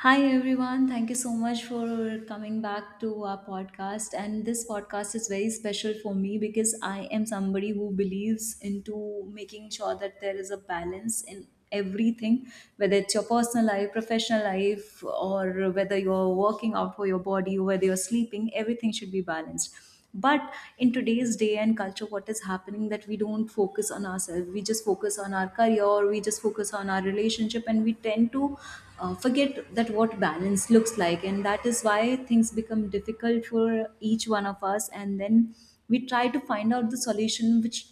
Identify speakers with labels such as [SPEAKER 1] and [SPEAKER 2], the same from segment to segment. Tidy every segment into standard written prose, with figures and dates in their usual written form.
[SPEAKER 1] Hi everyone, thank you so much for coming back to our podcast, and this podcast is very special for me because I am somebody who believes into making sure that there is a balance in everything, whether it's your personal life, professional life, or whether you're working out for your body, whether you're sleeping, everything should be balanced. But in today's day and culture, what is happening that we don't focus on ourselves, we just focus on our career or we just focus on our relationship, and we tend to forget that what balance looks like, and that is why things become difficult for each one of us. And then we try to find out the solution which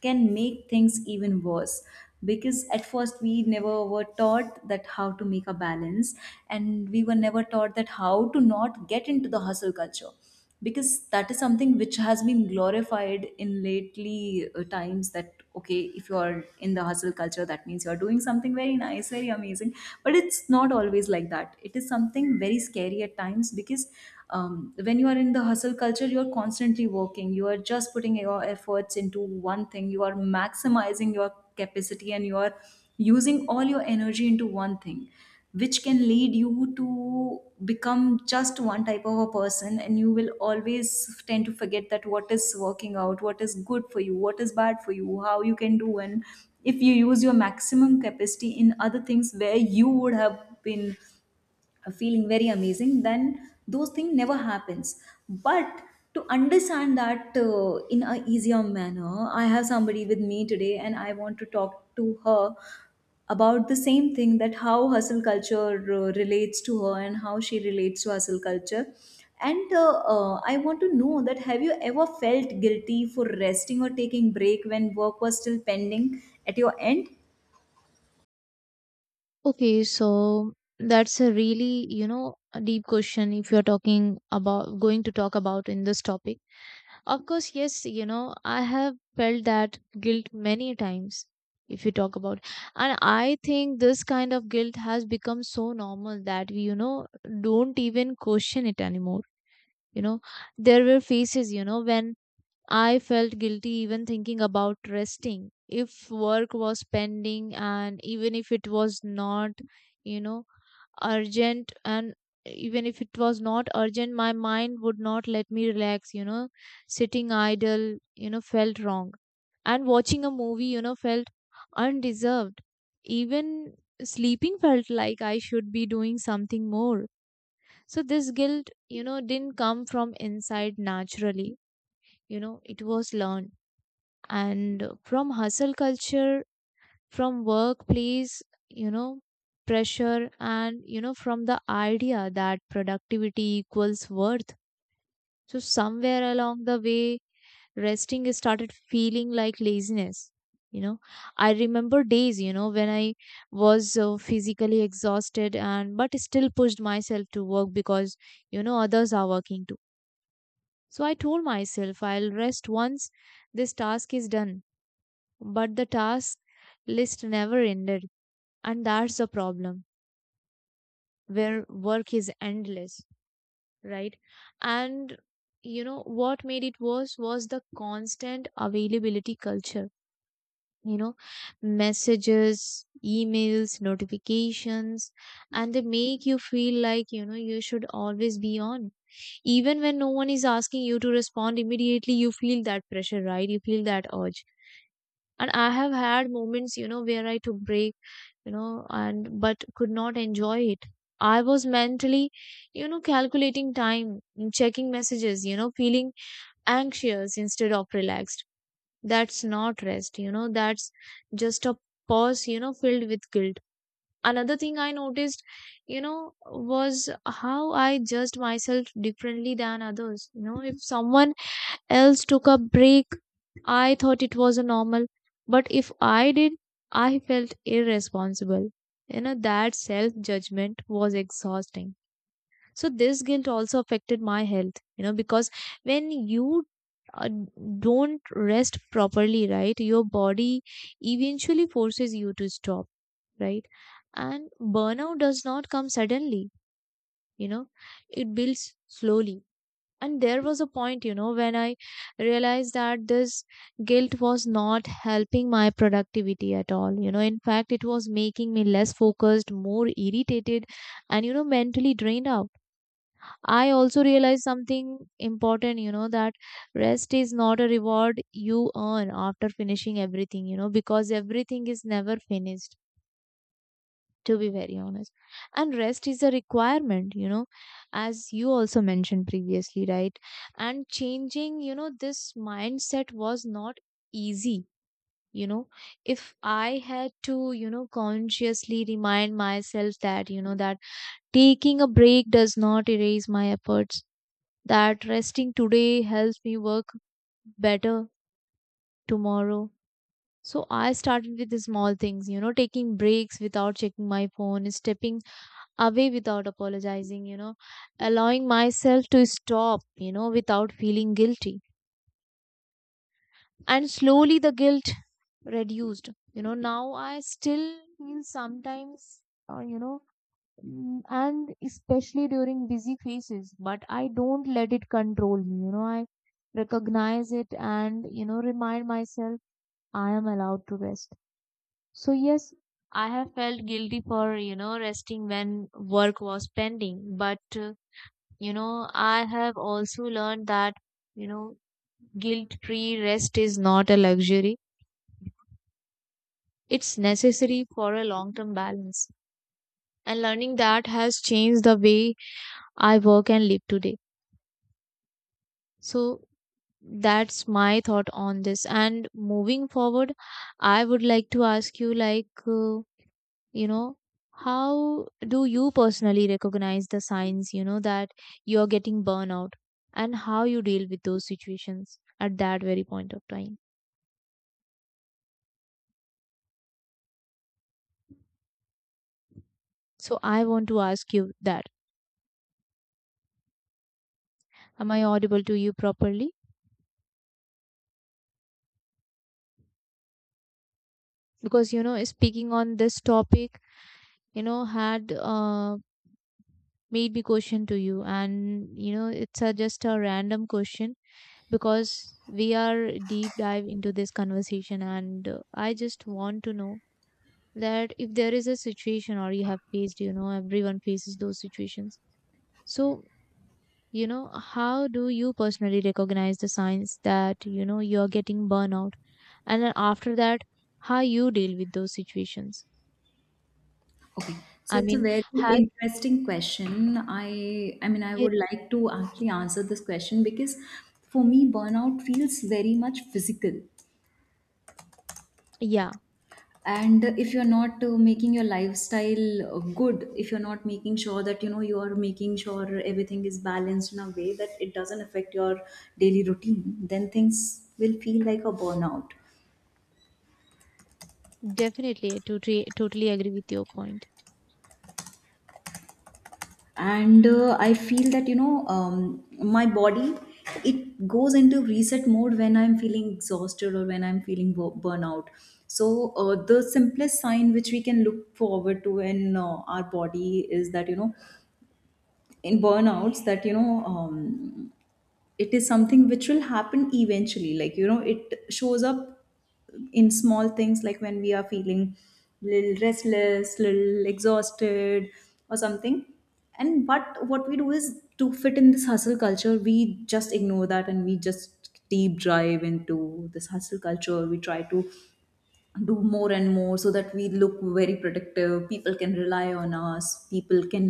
[SPEAKER 1] can make things even worse, because at first we never were taught that how to make a balance, and we were never taught that how to not get into the hustle culture, because that is something which has been glorified in lately times, that okay, if you are in the hustle culture, that means you are doing something very nice, very amazing. But it's not always like that. It is something very scary at times, because when you are in the hustle culture, you are constantly working, you are just putting your efforts into one thing, you are maximizing your capacity, and you are using all your energy into one thing, which can lead you to become just one type of a person, and you will always tend to forget that what is working out, what is good for you, what is bad for you, how you can do. And if you use your maximum capacity in other things where you would have been feeling very amazing, then those things never happens. But to understand that in a easier manner, I have somebody with me today and I want to talk to her about the same thing, that how hustle culture relates to her and how she relates to hustle culture. And I want to know that have you ever felt guilty for resting or taking break when work was still pending at your end?
[SPEAKER 2] Okay, so that's a really, a deep question if you're talking about going to talk about in this topic. Of course, yes, I have felt that guilt many times if you talk about. And I think this kind of guilt has become so normal that we, don't even question it anymore. You know, there were phases, when I felt guilty even thinking about resting. If work was pending and even if it was not, you know, urgent, and even if it was not urgent, my mind would not let me relax. Sitting idle felt wrong, and watching a movie felt undeserved. Even sleeping felt like I should be doing something more. So this guilt didn't come from inside naturally, it was learned, and from hustle culture, from workplace, you know, pressure, and, from the idea that productivity equals worth. So somewhere along the way, resting started feeling like laziness. You know, I remember days, when I was physically exhausted, and but still pushed myself to work because, others are working too. So I told myself I'll rest once this task is done. But the task list never ended, and that's the problem where work is endless, right? And what made it worse was the constant availability culture. you know Messages, emails, notifications, and they make you feel like, you should always be on. Even when no one is asking you to respond immediately, you feel that pressure, right? You feel that urge. And I have had moments where I took break, and but could not enjoy it. I was mentally, calculating time, checking messages, feeling anxious instead of relaxed. That's not rest, that's just a pause, filled with guilt. Another thing I noticed, was how I judged myself differently than others. If someone else took a break, I thought it was a normal, but if I did, I felt irresponsible. That self judgment was exhausting. So, this guilt also affected my health, because when you uh, don't rest properly, right, your body eventually forces you to stop, right? And burnout does not come suddenly, you know, it builds slowly. And there was a point when I realized that this guilt was not helping my productivity at all. In fact, it was making me less focused, more irritated, and mentally drained out. I also realized something important, that rest is not a reward you earn after finishing everything, because everything is never finished, to be very honest. And rest is a requirement, as you also mentioned previously, right? And changing, this mindset was not easy. You know, if I had to, consciously remind myself that taking a break does not erase my efforts, that resting today helps me work better tomorrow. So I started with the small things, taking breaks without checking my phone, stepping away without apologizing, allowing myself to stop, without feeling guilty. And slowly the guilt reduced. Now I still feel sometimes, uh, you know, and especially during busy phases, but I don't let it control me. I recognize it and, remind myself I am allowed to rest. So, yes, I have felt guilty for, resting when work was pending, but I have also learned that, you know, guilt-free rest is not a luxury. It's necessary for a long-term balance. And learning that has changed the way I work and live today. So that's my thought on this. And moving forward, I would like to ask you, like, you know, how do you personally recognize the signs, that you're getting burnout, and how you deal with those situations at that very point of time? So I want to ask you that. Am I audible to you properly? Because, speaking on this topic, had made me question to you. And, it's a, just a random question because we are deep dive into this conversation. And I just want to know that if there is a situation or you have faced, everyone faces those situations. So, how do you personally recognize the signs that, you're getting burnout? And then after that, how you deal with those situations?
[SPEAKER 1] Okay, so
[SPEAKER 2] I
[SPEAKER 1] it's a
[SPEAKER 2] mean,
[SPEAKER 1] very
[SPEAKER 2] has
[SPEAKER 1] interesting question. I mean, I
[SPEAKER 2] it,
[SPEAKER 1] would like to actually answer this question, because for me burnout feels very much physical.
[SPEAKER 2] yeah,
[SPEAKER 1] And if you're not making your lifestyle good, if you're not making sure that you know you are making sure everything is balanced in a way that it doesn't affect your daily routine, then things will feel like a burnout.
[SPEAKER 2] definitely. I totally, totally agree with your point.
[SPEAKER 1] And I feel that you know my body, it goes into reset mode when I'm feeling exhausted or when I'm feeling burnout. So the simplest sign which we can look forward to in our body is that you know, in burnouts, that you know, it is something which will happen eventually, like you know, it shows up in small things, like when we are feeling little restless, little exhausted or something. And but what we do is, to fit in this hustle culture, we just ignore that, and we just deep drive into this hustle culture, we try to do more and more, so that we look very productive, people can rely on us, people can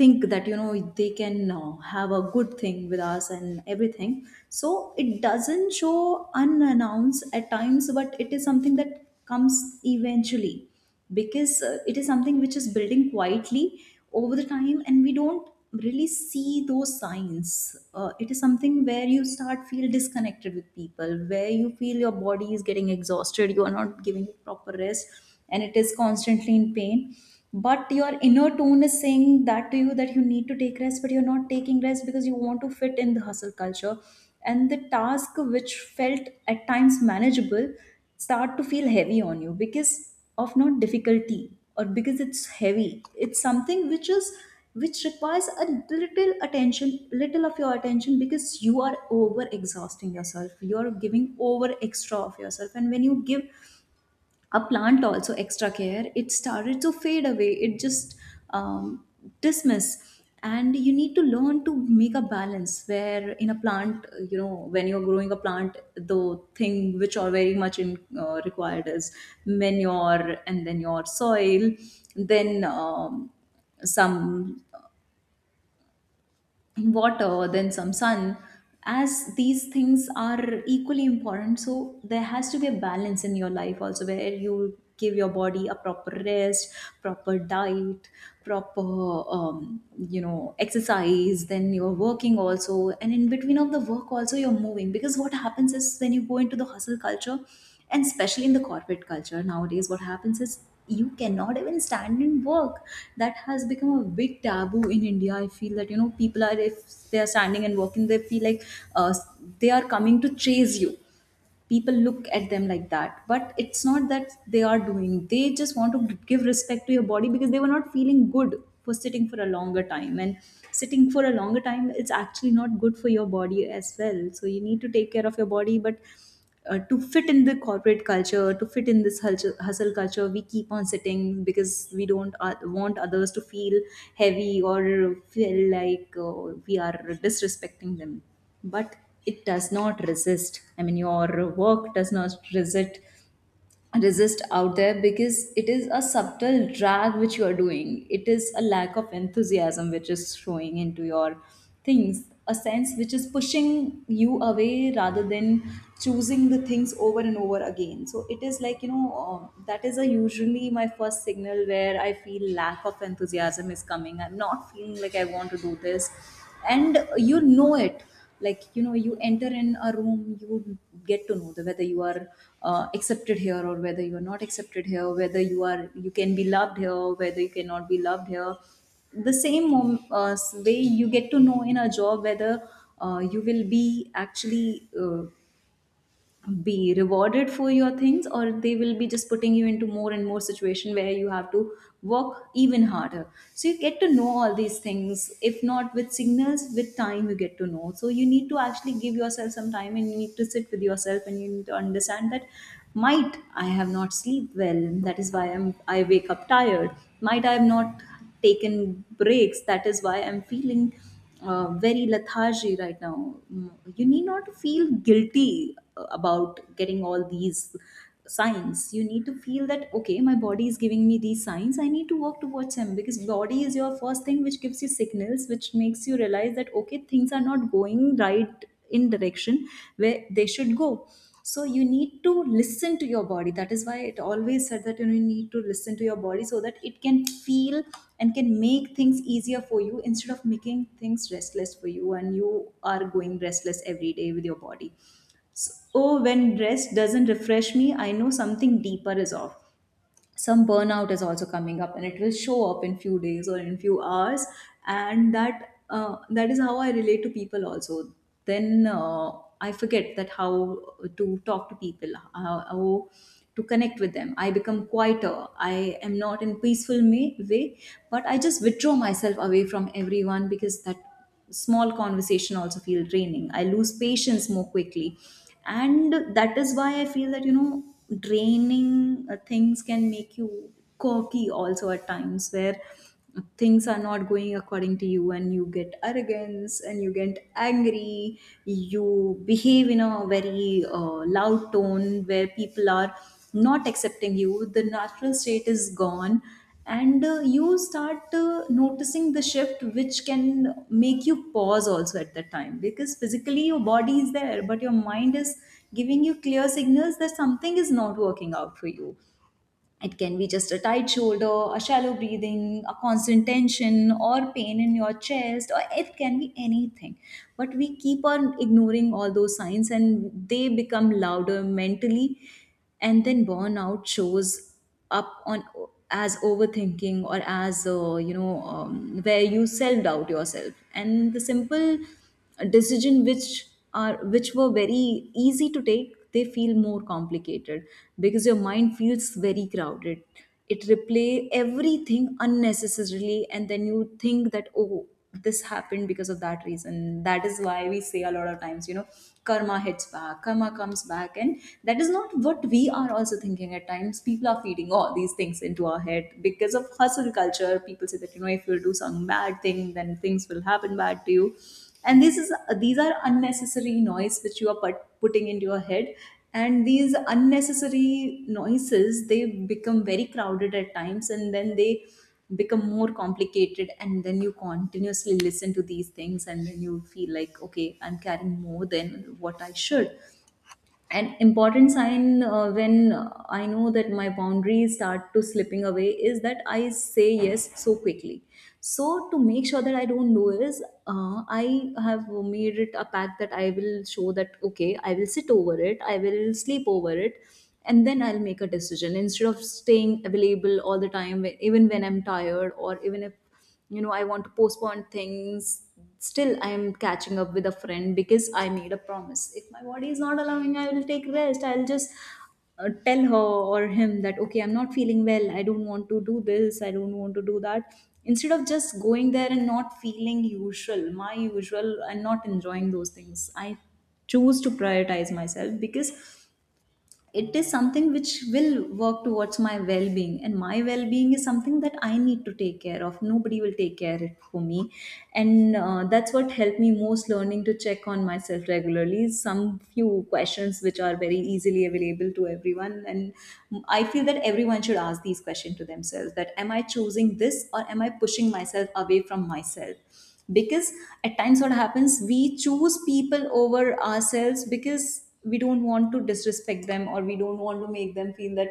[SPEAKER 1] think that you know they can have a good thing with us and everything. So it doesn't show unannounced at times, but it is something that comes eventually, because it is something which is building quietly over the time, and we don't really see those signs. It is something where you start feel disconnected with people, where you feel your body is getting exhausted, you are not giving it proper rest, and it is constantly in pain. But your inner tone is saying that to you that you need to take rest, but you're not taking rest because you want to fit in the hustle culture. And the task which felt at times manageable start to feel heavy on you, because of not difficulty or because it's heavy, it's something which is, which requires a little attention, little of your attention, because you are over exhausting yourself, you are giving over extra of yourself. And when you give a plant also extra care, it started to fade away, it just um, dismiss. And you need to learn to make a balance, where in a plant, you know, when you're growing a plant, the thing which are very much in, required is manure and then your soil, then some water, then some sun. As these things are equally important, so there has to be a balance in your life also, where you give your body a proper rest, proper diet, proper um, you know exercise. Then you're working also, and in between of the work also you're moving, because what happens is, when you go into the hustle culture, and especially in the corporate culture nowadays, what happens is you cannot even stand and walk. That has become a big taboo in India, I feel that you know, people are, if they are standing and walking, they feel like uh, they are coming to chase you, people look at them like that. But it's not that they are doing, they just want to give respect to your body, because they were not feeling good for sitting for a longer time, and sitting for a longer time, it's actually not good for your body as well. So you need to take care of your body. But to fit in the corporate culture, to fit in this hustle culture, we keep on sitting, because we don't want others to feel heavy or feel like we are disrespecting them. But it does not resist, I mean your work does not resist out there, because it is a subtle drag which you are doing, it is a lack of enthusiasm which is showing into your things, a sense which is pushing you away rather than choosing the things over and over again. So it is like you know, that is a usually my first signal, where I feel lack of enthusiasm is coming, I'm not feeling like I want to do this. And you know it, like you know, you enter in a room, you get to know the, whether you are accepted here or whether you are not accepted here, whether you are, you can be loved here, whether you cannot be loved here. The same way you get to know in a job, whether you will be actually be rewarded for your things, or they will be just putting you into more and more situation where you have to work even harder. So you get to know all these things, if not with signals, with time you get to know. So you need to actually give yourself some time, and you need to sit with yourself, and you need to understand that might I have not sleep well, that is why I wake up tired, might I have not taken breaks. That is why I'm feeling very lethargy right now. Mm. You need not to feel guilty about getting all these signs. You need to feel that okay, my body is giving me these signs, I need to work towards them, because body is your first thing which gives you signals, which makes you realize that okay, things are not going right in direction where they should go. So you need to listen to your body, that is why it always said that you know, you need to listen to your body, so that it can feel and can make things easier for you, instead of making things restless for you, and you are going restless every day with your body. So oh, when rest doesn't refresh me, I know something deeper is off, some burnout is also coming up, and it will show up in few days or in few hours. And that that is how I relate to people also. Then I forget that how to talk to people, how to connect with them. I become quieter, I am not in peaceful way, but I just withdraw myself away from everyone, because that small conversation also feel draining, I lose patience more quickly. And that is why I feel that you know, draining things can make you cocky also at times, where things are not going according to you, and you get arrogance and you get angry, you behave in a very loud tone, where people are not accepting you, the natural state is gone. And you start noticing the shift, which can make you pause also at that time, because physically your body is there, but your mind is giving you clear signals that something is not working out for You. It can be just a tight shoulder, a shallow breathing, a constant tension, or pain in your chest, or it can be anything. But we keep on ignoring all those signs and they become louder mentally. And then burnout shows up on as overthinking or as where you self doubt yourself, and the simple decision which are which were very easy to take, they feel more complicated because your mind feels very crowded. It replay everything unnecessarily, and then you think that, oh, this happened because of that reason. That is why we say a lot of times, you know, karma hits back, karma comes back. And that is not what we are also thinking at times. People are feeding all these things into our head because of hustle culture. People say that, you know, if you do some bad thing, then things will happen bad to you. And this is these are unnecessary noise which you are putting into your head, and these unnecessary noises, they become very crowded at times, and then they become more complicated, and then you continuously listen to these things, and then you feel like, okay, I'm carrying more than what I should. An important sign when I know that my boundaries start to slipping away is that I say yes so quickly. So to make sure that I don't do is, I have made it a pact that I will show that, okay, I will sit over it, I will sleep over it, and then I'll make a decision, instead of staying available all the time even when I'm tired, or even if, you know, I want to postpone things. Still I am catching up with a friend because I made a promise. If my body is not allowing, I will take rest. I'll just tell her or him that, okay, I'm not feeling well, I don't want to do this, I don't want to do that, instead of just going there and not feeling usual, my usual, and not enjoying those things. I choose to prioritize myself because it is something which will work towards my well-being, and my well-being is something that I need to take care of. Nobody will take care it for me. And that's what helped me most: learning to check on myself regularly. Some few questions which are very easily available to everyone, and I feel that everyone should ask these questions to themselves: that am I choosing this, or am I pushing myself away from myself? Because at times what happens, we choose people over ourselves because we don't want to disrespect them, or we don't want to make them feel that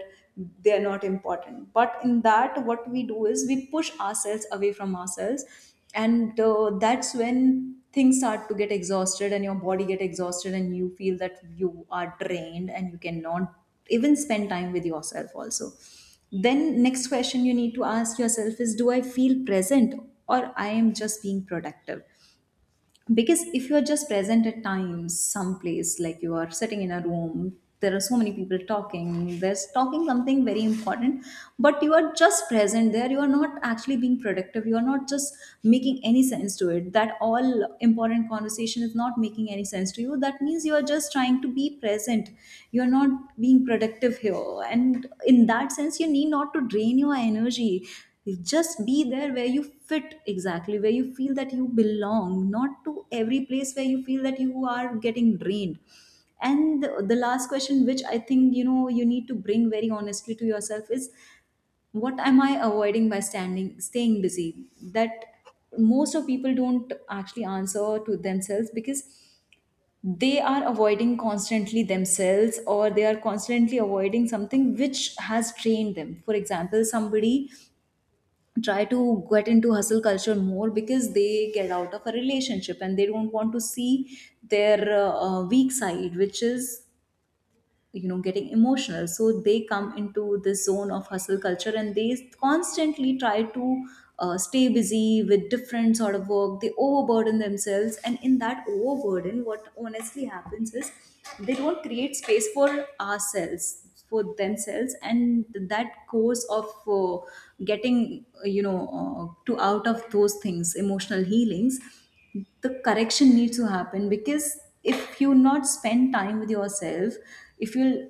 [SPEAKER 1] they are not important. But in that, what we do is we push ourselves away from ourselves. And that's when things start to get exhausted, and your body get exhausted, and you feel that you are drained, and you cannot even spend time with yourself also. Then, next question you need to ask yourself is, do I feel present, or I am just being productive? Because if you're just present at times, someplace, like you are sitting in a room, there are so many people talking, there's talking something very important, but you are just present there, you are not actually being productive. You are not just making any sense to it. That all important conversation is not making any sense to you. That means you are just trying to be present, you are not being productive here, and in that sense you need not to drain your energy. You just be there where you fit exactly, where you feel that you belong, not to every place where you feel that you are getting drained. And the last question, which I think, you know, you need to bring very honestly to yourself, is what am I avoiding by staying busy? That most of people don't actually answer to themselves, because they are avoiding constantly themselves, or they are constantly avoiding something which has trained them. For example, somebody try to get into hustle culture more because they get out of a relationship, and they don't want to see their weak side, which is, you know, getting emotional. So they come into this zone of hustle culture, and they constantly try to stay busy with different sort of work. They overburden themselves, and in that overburden, what honestly happens is they don't create space for ourselves for themselves. And that course of getting to out of those things, emotional healings, the correction needs to happen. Because if you not spend time with yourself, if you'll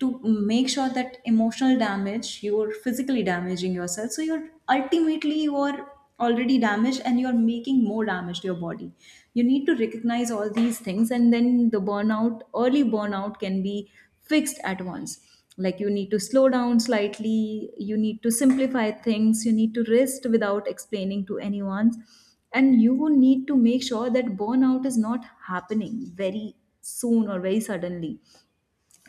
[SPEAKER 1] to make sure that emotional damage, you're physically damaging yourself. So you're ultimately, you're already damaged, and you're making more damage to your body. You need to recognize all these things, and then the burnout, early burnout can be fixed at once. Like, you need to slow down slightly, you need to simplify things, you need to rest without explaining to anyone, and you would need to make sure that burnout is not happening very soon or very suddenly.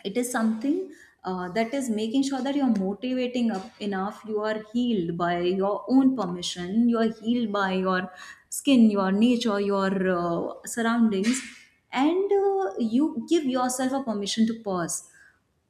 [SPEAKER 1] It is something that is making sure that you're motivating up enough. You are healed by your own permission, you are healed by your skin, your nature, your surroundings. And you give yourself a permission to pause,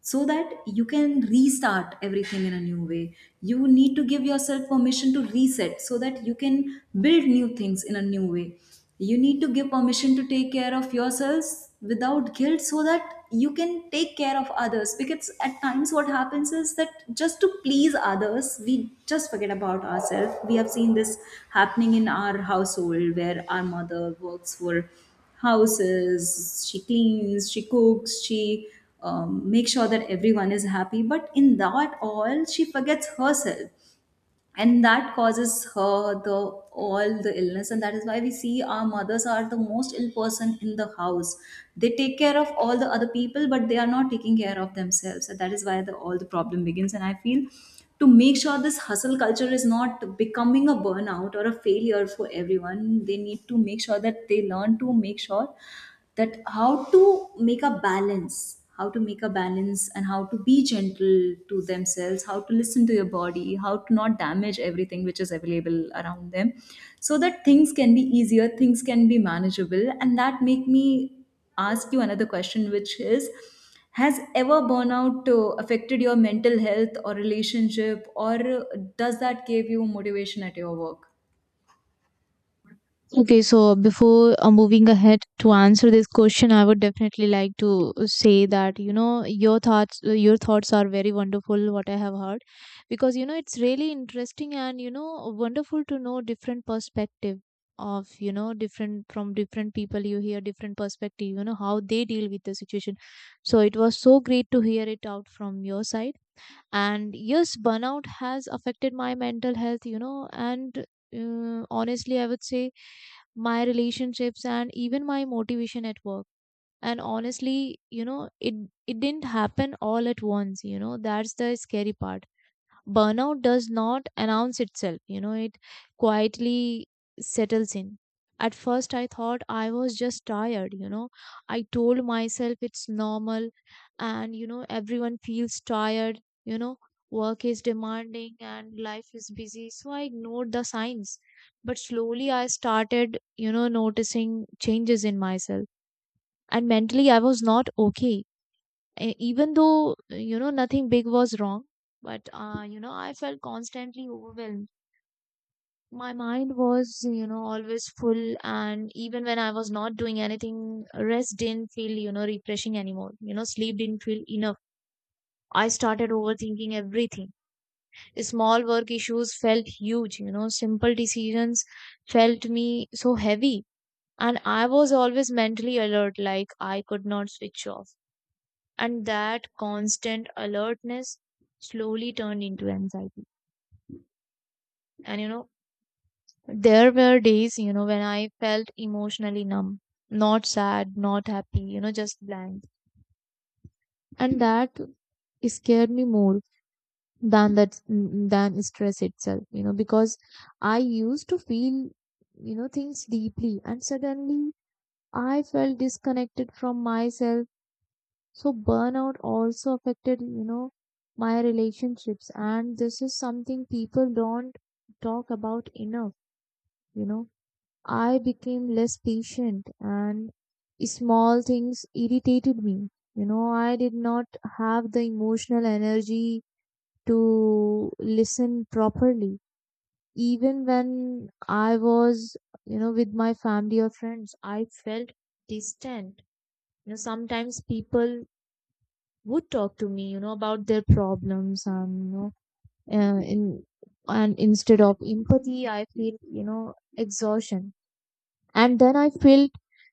[SPEAKER 1] so that you can restart everything in a new way. You need to give yourself permission to reset, so that you can build new things in a new way. You need to give permission to take care of yourselves without guilt, so that you can take care of others. Because at times what happens is that just to please others, we just forget about ourselves. We have seen this happening in our household, where our mother works for houses, she cleans, she cooks, she makes sure that everyone is happy. But in that all, she forgets herself, and that causes her the all the illness. And that is why we see our mothers are the most ill person in the house. They take care of all the other people, but they are not taking care of themselves, and that is why the all the problem begins. And I feel, to make sure this hustle culture is not becoming a burnout or a failure for everyone, they need to make sure that they learn to make sure that how to make a balance, and how to be gentle to themselves, how to listen to your body, how to not damage everything which is available around them, so that things can be easier, things can be manageable. And that make me ask you another question, which is, has ever burnout affected your mental health or relationship, or does that give you motivation at your work?
[SPEAKER 2] Okay, so before moving ahead to answer this question, I would definitely like to say that your thoughts are very wonderful. What I have heard, because it's really interesting and wonderful to know different perspective of different from different people. You hear different perspective, how they deal with the situation. So it was so great to hear it out from your side, and yes, burnout has affected my mental health, and honestly I would say my relationships and even my motivation at work. And honestly, it didn't happen all at once. That's the scary part. Burnout does not announce itself, it quietly settles in. At first I thought I was just tired. I told myself it's normal, and everyone feels tired. Work is demanding and life is busy, so I ignored the signs. But slowly I started, noticing changes in myself. And mentally I was not okay. Even though nothing big was wrong, but I felt constantly overwhelmed. My mind was always full, and even when I was not doing anything, rest didn't feel, refreshing anymore. Sleep didn't feel enough. I started overthinking everything. Small work issues felt huge. Simple decisions felt me so heavy, and I was always mentally alert, like I could not switch off. And that constant alertness slowly turned into anxiety. And there were days, when I felt emotionally numb, not sad, not happy, just blank. And that scared me more than that, than stress itself, because I used to feel, things deeply, and suddenly I felt disconnected from myself. So burnout also affected, my relationships, and this is something people don't talk about enough, you know. I became less patient, and small things irritated me. I did not have the emotional energy to listen properly. Even when I was, with my family or friends, I felt distant. Sometimes people would talk to me, about their problems, and in and instead of empathy, I feel exhaustion, and then I felt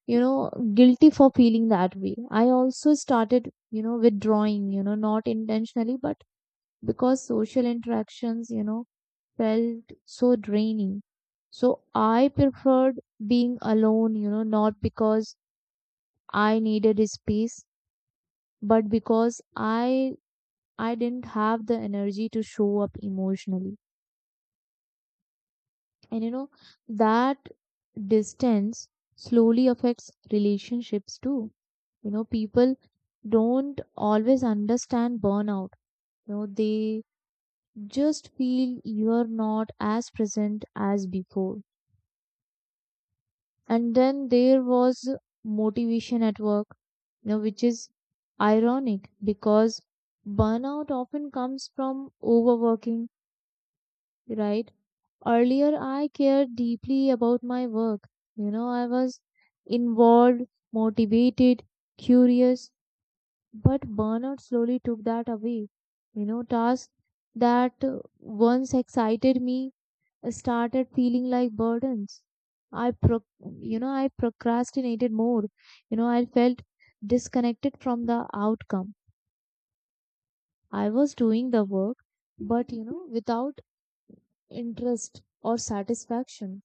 [SPEAKER 2] guilty for feeling that way. I also started withdrawing, not intentionally, but because social interactions, felt so draining. So I preferred being alone, not because I needed space, but because I didn't have the energy to show up emotionally. And that distance slowly affects relationships too. People don't always understand burnout. They just feel you're not as present as before. And then there was motivation at work, which is ironic because burnout often comes from overworking, right? Earlier, I cared deeply about my work. I was involved, motivated, curious, but burnout slowly took that away. Tasks that once excited me started feeling like burdens. I pro- I procrastinated more. I felt disconnected from the outcome. I was doing the work, but without interest or satisfaction.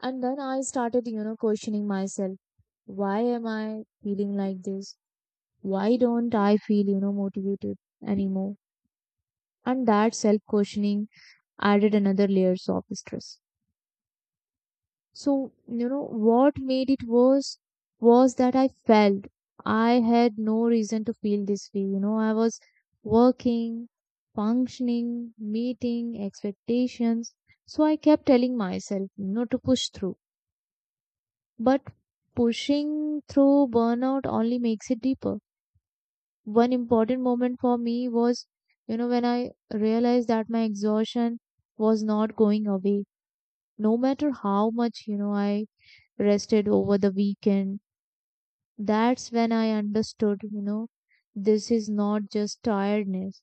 [SPEAKER 2] And then I started, questioning myself. Why am I feeling like this? Why don't I feel, motivated anymore? And that self questioning added another layers of stress. So, what made it worse was that I felt I had no reason to feel this way. I was working, functioning, meeting expectations. So I kept telling myself, to push through. But pushing through burnout only makes it deeper. One important moment for me was, when I realized that my exhaustion was not going away, no matter how much, I rested over the weekend. That's when I understood, this is not just tiredness.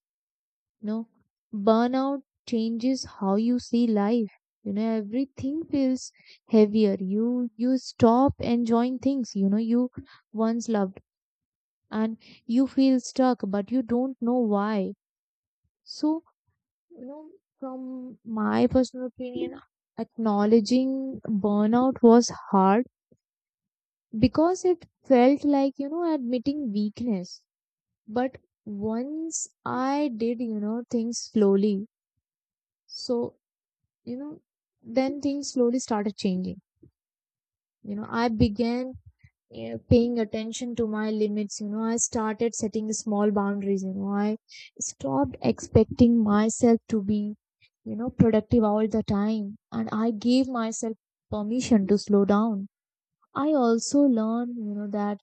[SPEAKER 2] You know, burnout changes how you see life. Everything feels heavier. You stop enjoying things, you once loved, and you feel stuck, but you don't know why. So, you know from my personal opinion, acknowledging burnout was hard because it felt like admitting weakness. But once I did, things slowly. So, you know then things slowly started changing. I began paying attention to my limits. I started setting small boundaries. I stopped expecting myself to be productive all the time, and I gave myself permission to slow down. I also learned that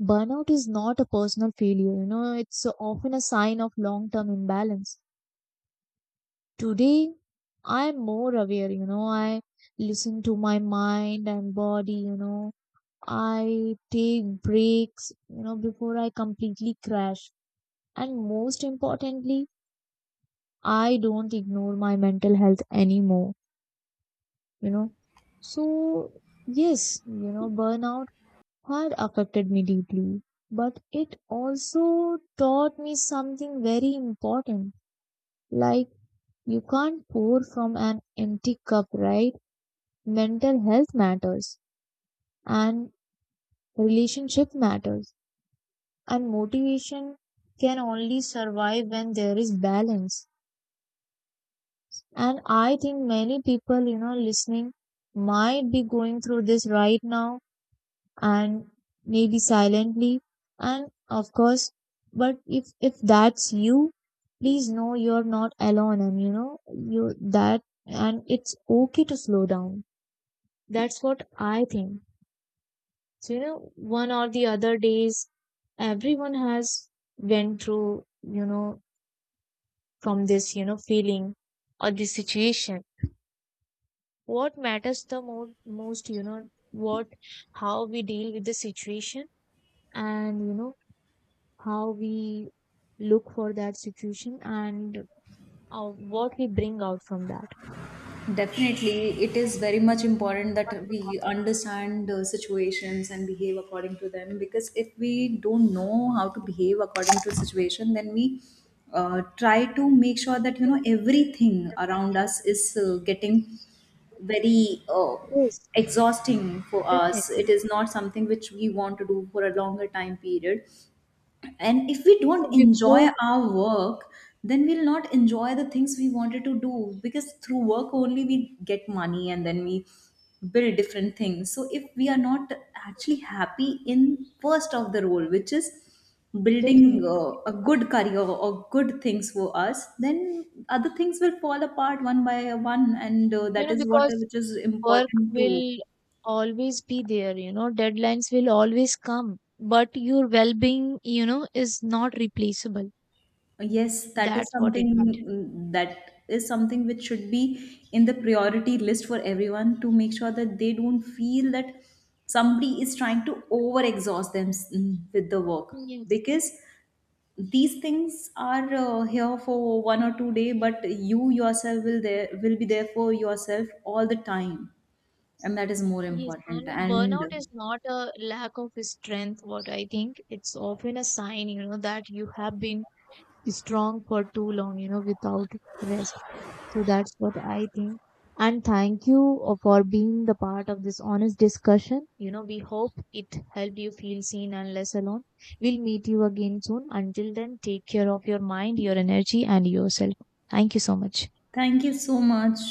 [SPEAKER 2] burnout is not a personal failure. It's often a sign of long term imbalance. Today I am more aware. I listen to my mind and body. I take breaks, before I completely crash. And most importantly, I don't ignore my mental health anymore, you know. So, yes, burnout had affected me deeply, but it also taught me something very important. Like, you can't pour from an empty cup, right? Mental health matters, and relationship matters, and motivation can only survive when there is balance. And I think many people, listening might be going through this right now, and maybe silently. And of course, but if that's you, please know you're not alone, and and it's okay to slow down. That's what I think. So, one or the other days, everyone has went through, from this feeling or this situation. What matters the most what how we deal with the situation, and how we look for that situation, and what we bring out from that.
[SPEAKER 1] Definitely, it is very much important that we understand situations and behave according to them, because if we don't know how to behave according to a situation, then we try to make sure that, you know, everything around us is getting very
[SPEAKER 2] Yes.
[SPEAKER 1] exhausting for us. It
[SPEAKER 2] Definitely.
[SPEAKER 1] is not something which we want to do for a longer time period, and if we
[SPEAKER 2] So
[SPEAKER 1] don't enjoy
[SPEAKER 2] before
[SPEAKER 1] our work, then we'll not enjoy the things we wanted to do, because through work only we get money, and then we build different things. So if we are not actually happy in first of the role, which is building
[SPEAKER 2] Definitely.
[SPEAKER 1] a good career or good things for us, then other things will fall apart one by one. And that is what
[SPEAKER 2] Because
[SPEAKER 1] which is
[SPEAKER 2] work
[SPEAKER 1] important too.
[SPEAKER 2] will always be there, deadlines will always come, but your well-being, is not replaceable.
[SPEAKER 1] Yes, that is
[SPEAKER 2] That's what it meant.
[SPEAKER 1] something, which should be in the priority list for everyone, to make sure that they don't feel that somebody is trying to over exhaust them with the work.
[SPEAKER 2] Yes.
[SPEAKER 1] Because these things are here for 1 or 2 day, but you yourself will, there will be there for yourself all the time, and that is more
[SPEAKER 2] Yes,
[SPEAKER 1] important.
[SPEAKER 2] and
[SPEAKER 1] And
[SPEAKER 2] burnout is not a lack of strength, what I think. It's often a sign, that you have been strong for too long, without rest. So that's what I think. And thank you for being the part of this honest discussion. We hope it helped you feel seen and less alone. We'll meet you again soon. Until then, take care of your mind, your energy, and yourself. Thank you so much.
[SPEAKER 1] thank you so much.